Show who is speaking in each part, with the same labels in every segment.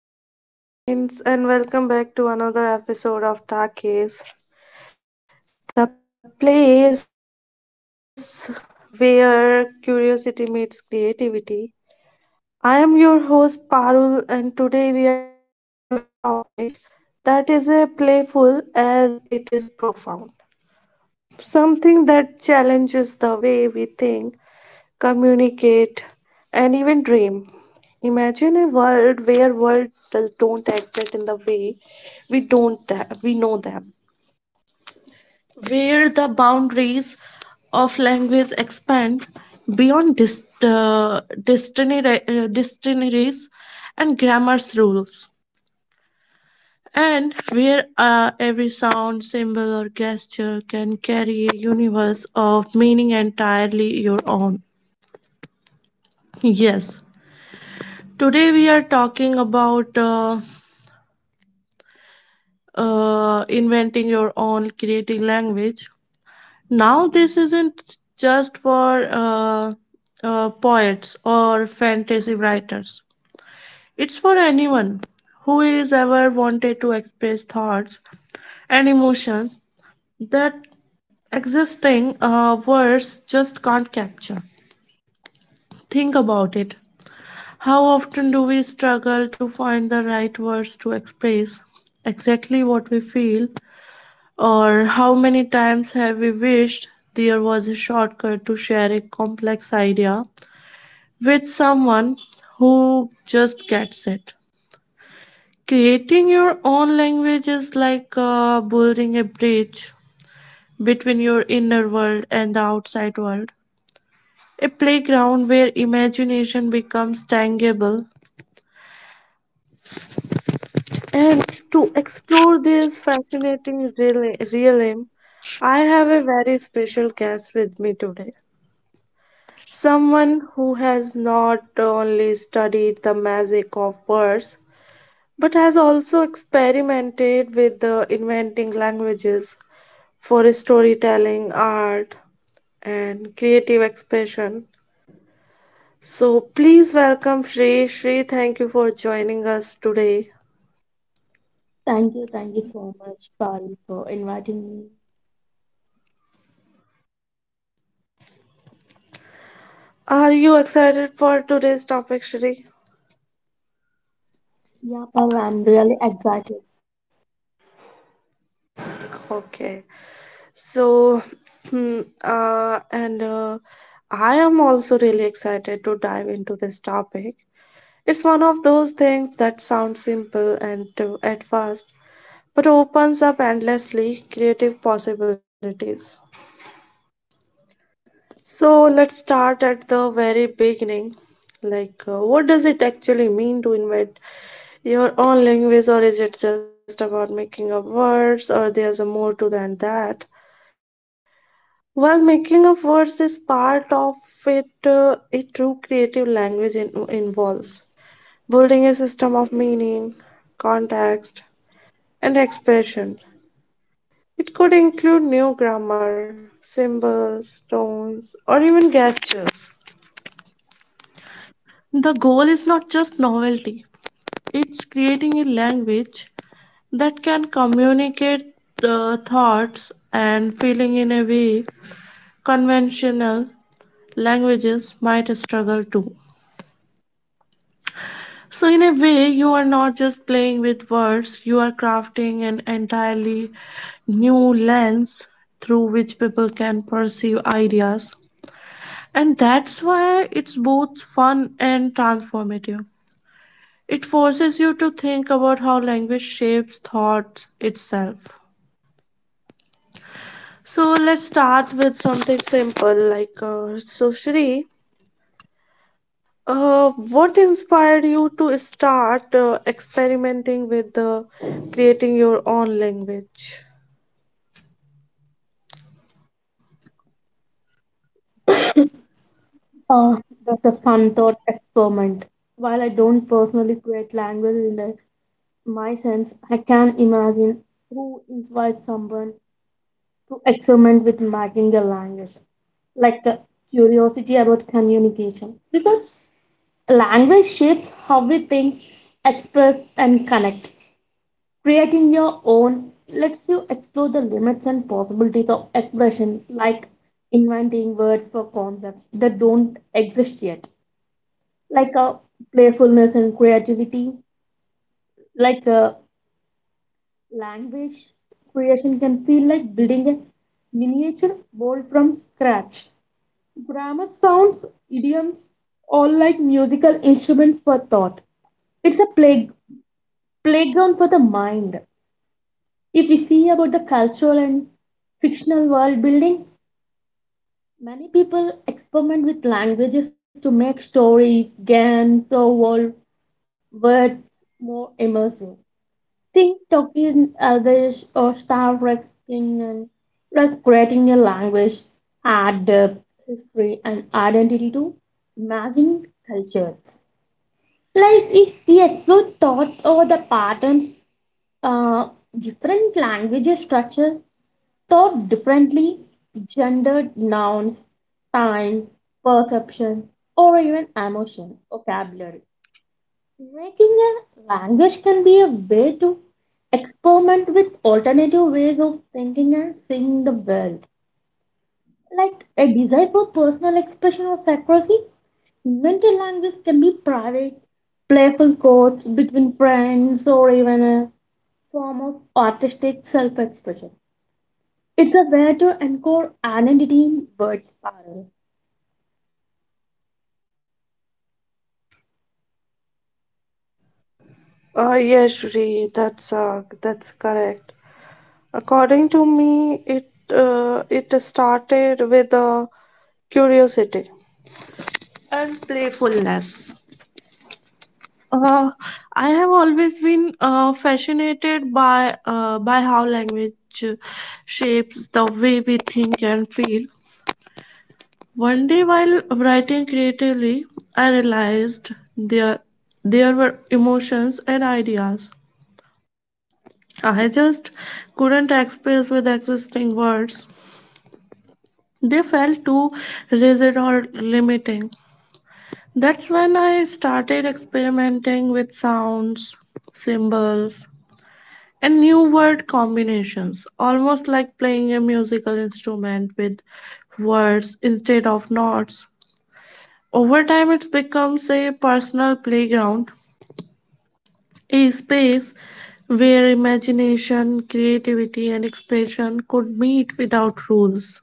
Speaker 1: beautiful minds, and welcome back to another episode of Takis, the place where curiosity meets creativity. I am your host, Parul, and today we are diving into a topic that is as playful as it is profound. Something that challenges the way we think, communicate, and even dream. Imagine a world where words don't exist in the way we don't th- we know them, where the boundaries of language expand beyond dictionaries and grammar's rules, and where every sound, symbol, or gesture can carry a universe of meaning entirely your own. Yes, today we are talking about inventing your own creative language. Now this isn't just for poets or fantasy writers. It's for anyone who is ever wanted to express thoughts and emotions that existing words just can't capture. Think about it. How often do we struggle to find the right words to express exactly what we feel, or how many times have we wished there was a shortcut to share a complex idea with someone who just gets it? Creating your own language is like building a bridge between your inner world and the outside world, a playground where imagination becomes tangible. And to explore this fascinating realm, I have a very special guest with me today. Someone who has not only studied the magic of words, but has also experimented with the inventing languages for storytelling, art, and creative expression. So please welcome Shri. Shri, thank you for joining us today.
Speaker 2: Thank you so much, Pari, for inviting me.
Speaker 1: Are you excited for today's topic, Shri?
Speaker 2: Yeah, Paul, I'm really excited.
Speaker 1: Okay. So, hmm, and I am also really excited to dive into this topic. It's one of those things that sounds simple and at first, but opens up endlessly creative possibilities. So, let's start at the very beginning. Like, what does it actually mean to invent your own language, or is it just about making up words, or there's a more to than that? While making of words is part of it, a true creative language involves building a system of meaning, context, and expression. It could include new grammar, symbols, tones, or even gestures. The goal is not just novelty, it's creating a language that can communicate the thoughts and feeling in a way conventional languages might struggle to. So, in a way, you are not just playing with words, you are crafting an entirely new lens through which people can perceive ideas. And that's why it's both fun and transformative. It forces you to think about how language shapes thought itself. So, let's start with something simple like so, Shri. What inspired you to start experimenting with creating your own language?
Speaker 2: Uh, that's a fun thought experiment. While I don't personally create language my sense, I can imagine who inspires someone to experiment with making the language, like the curiosity about communication. Because language shapes how we think, express, and connect. Creating your own lets you explore the limits and possibilities of expression, like inventing words for concepts that don't exist yet, like a playfulness and creativity, like a language creation can feel like building a miniature world from scratch. Grammar sounds, idioms, all like musical instruments for thought. It's a playground for the mind. If we see about the cultural and fictional world building, many people experiment with languages to make stories, games, or world words more immersive. Think Tolkien, Elvish, or Star Trek, in and like creating a language, add depth, history, and identity to imagined cultures. Like if we explore thought or the patterns, uh, different languages structure thought differently, gendered nouns, time, perception, or even emotion, vocabulary. Making a language can be a way to experiment with alternative ways of thinking and seeing the world. Like a desire for personal expression or secrecy, invented language can be private, playful quotes between friends, or even a form of artistic self expression. It's a way to anchor an identity in words, Parul.
Speaker 1: Yes, Shri, that's correct. According to me, it it started with curiosity and playfulness. Uh, I have always been fascinated by how language uh, shapes the way we think and feel. One day while writing creatively, I realized there, there were emotions and ideas I just couldn't express with existing words. They felt too rigid or limiting. That's when I started experimenting with sounds, symbols, and new word combinations, almost like playing a musical instrument with words instead of notes. Over time, it becomes a personal playground, a space where imagination, creativity, and expression could meet without rules.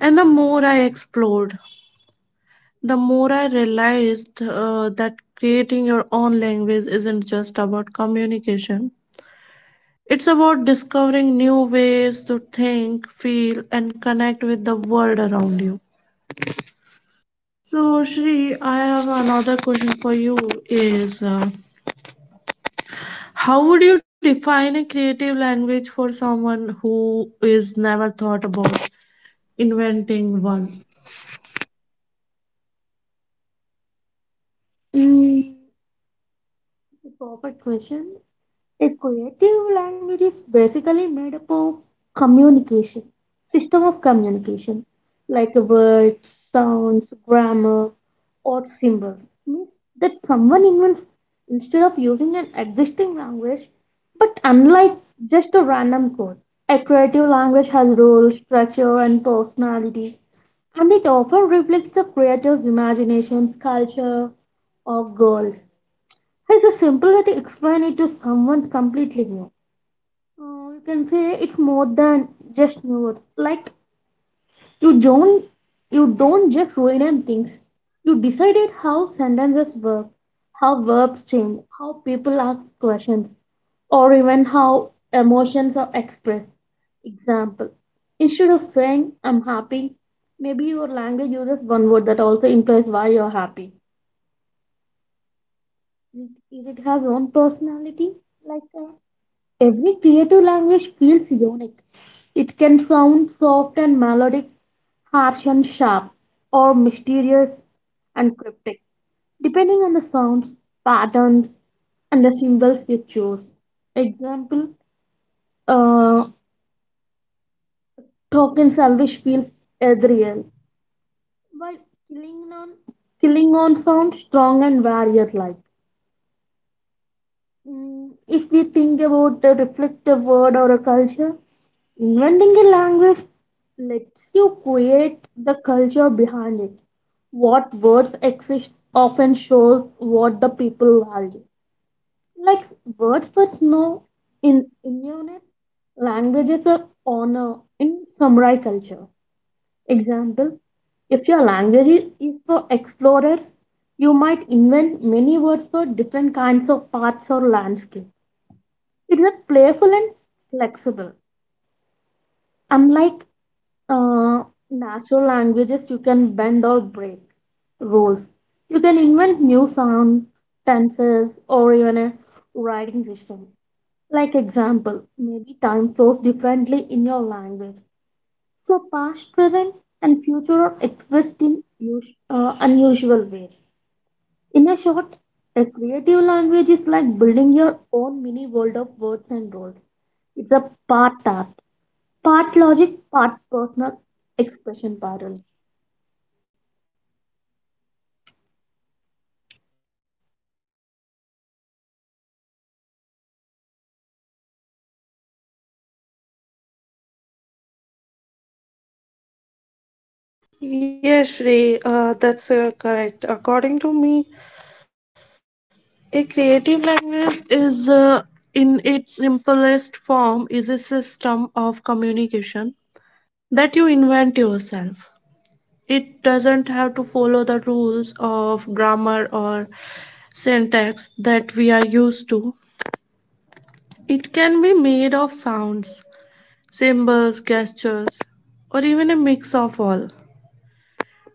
Speaker 1: And the more I explored, the more I realized that creating your own language isn't just about communication. It's about discovering new ways to think, feel, and connect with the world around you. So, Shri, I have another question for you. Is How would you define a creative language for someone who is never thought about inventing one?
Speaker 2: Mm, it's a perfect question. A creative language is basically made up of communication, system of communication, like words, sounds, grammar, or symbols. Means that someone invents instead of using an existing language, but unlike just a random code. A creative language has rules, structure, and personality, and it often reflects the creator's imaginations, culture, or goals. It's a simple way to explain it to someone completely new. You can say it's more than just new words. Like you don't you don't just rename things. You decided how sentences work, how verbs change, how people ask questions, or even how emotions are expressed. Example. Instead of saying I'm happy, maybe your language uses one word that also implies why you're happy. Is it has own personality? Like every creative language feels unique. It can sound soft and melodic, harsh and sharp, or mysterious and cryptic, depending on the sounds, patterns, and the symbols you choose. Example, uh, token salvage feels ethereal, while killing on, killing on sounds strong and warrior like. Mm, if we think about a reflective word or a culture, inventing a language lets you create the culture behind it. What words exist often shows what the people value. Like words for snow in Inuit language is an honor in samurai culture. Example, if your language is for explorers, you might invent many words for different kinds of paths or landscapes. It's playful and flexible. Unlike uh, natural languages, you can bend or break rules. You can invent new sounds, tenses, or even a writing system. Like example, maybe time flows differently in your language. So past, present, and future are expressed in unusual ways. In a short, a creative language is like building your own mini world of words and roles. It's a part art, part logic, part personal expression pattern.
Speaker 1: Yes, Shri, that's correct. According to me, a creative language is, in its simplest form, is a system of communication that you invent yourself. It doesn't have to follow the rules of grammar or syntax that we are used to. It can be made of sounds, symbols, gestures, or even a mix of all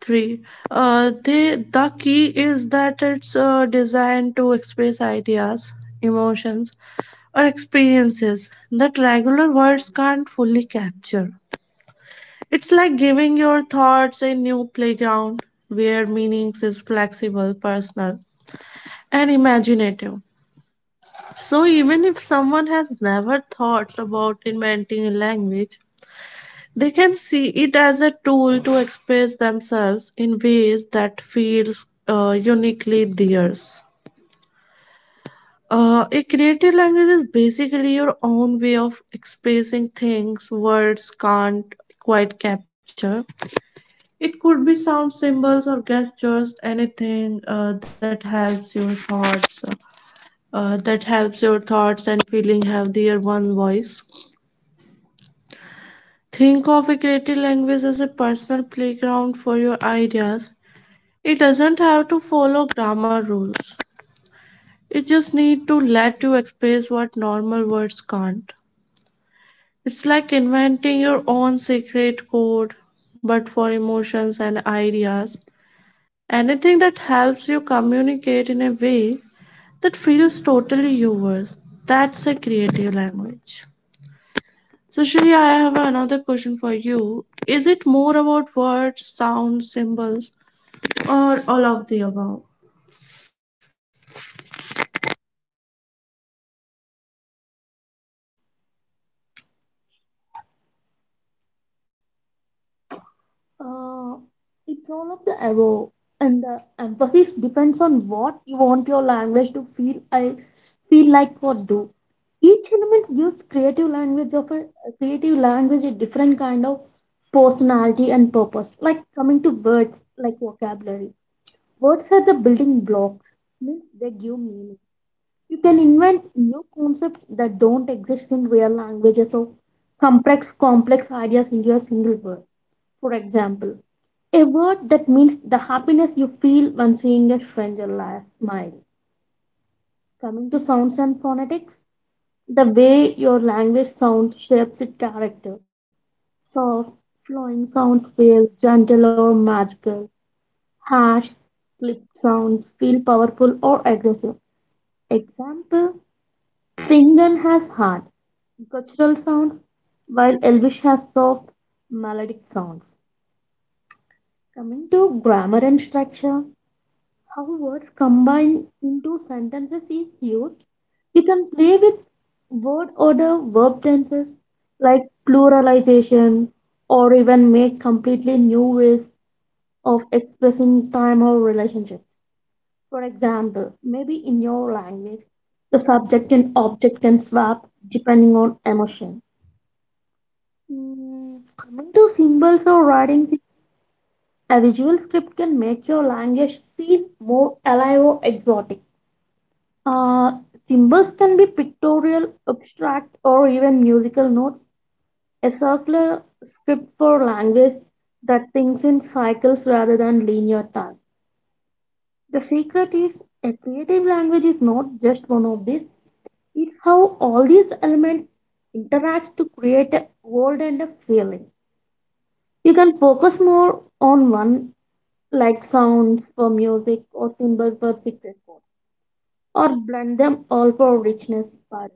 Speaker 1: three. The key is that it's designed to express ideas, emotions, or experiences that regular words can't fully capture. It's like giving your thoughts a new playground where meanings is flexible, personal, and imaginative. So even if someone has never thought about inventing a language, they can see it as a tool to express themselves in ways that feels uniquely theirs. A creative language is basically your own way of expressing things words can't quite capture. It could be sound symbols or gestures, anything that helps your thoughts and feeling have their one voice. Think of a creative language as a personal playground for your ideas. It doesn't have to follow grammar rules. It just need to let you express what normal words can't. It's like inventing your own secret code, but for emotions and ideas. Anything that helps you communicate in a way that feels totally yours. That's a creative language. So, Shri, I have another question for you. Is it more about words, sounds, symbols, or all of the above?
Speaker 2: Uh, it's all of the above, and the emphasis depends on what you want your language to feel. I feel like or do. Each element gives creative language of a creative language a different kind of personality and purpose. Like coming to words, like vocabulary. Words are the building blocks, means they give meaning. You can invent new concepts that don't exist in real languages or complex ideas into a single word. For example, a word that means the happiness you feel when seeing a stranger laugh, smile. Coming to sounds and phonetics, the way your language sound shapes its character. Soft, flowing sounds feel gentle or magical. Harsh, clipped sounds feel powerful or aggressive. Example. Fingon has hard, guttural sounds, while Elvish has soft, melodic sounds. Coming to grammar and structure, how words combine into sentences is used. You can play with word order, verb tenses like pluralization, or even make completely new ways of expressing time or relationships. For example, maybe in your language, the subject and object can swap depending on emotion. Mm, coming to symbols or writing, a visual script can make your language feel more alive or exotic. Uh, Symbols can be pictorial, abstract, or even musical notes. A circular script for language that thinks in cycles rather than linear time. The secret is a creative language is not just one of these. It's how all these elements interact to create a world and a feeling. You can focus more on one, like sounds for music or symbols for secret code, or blend them all for richness. But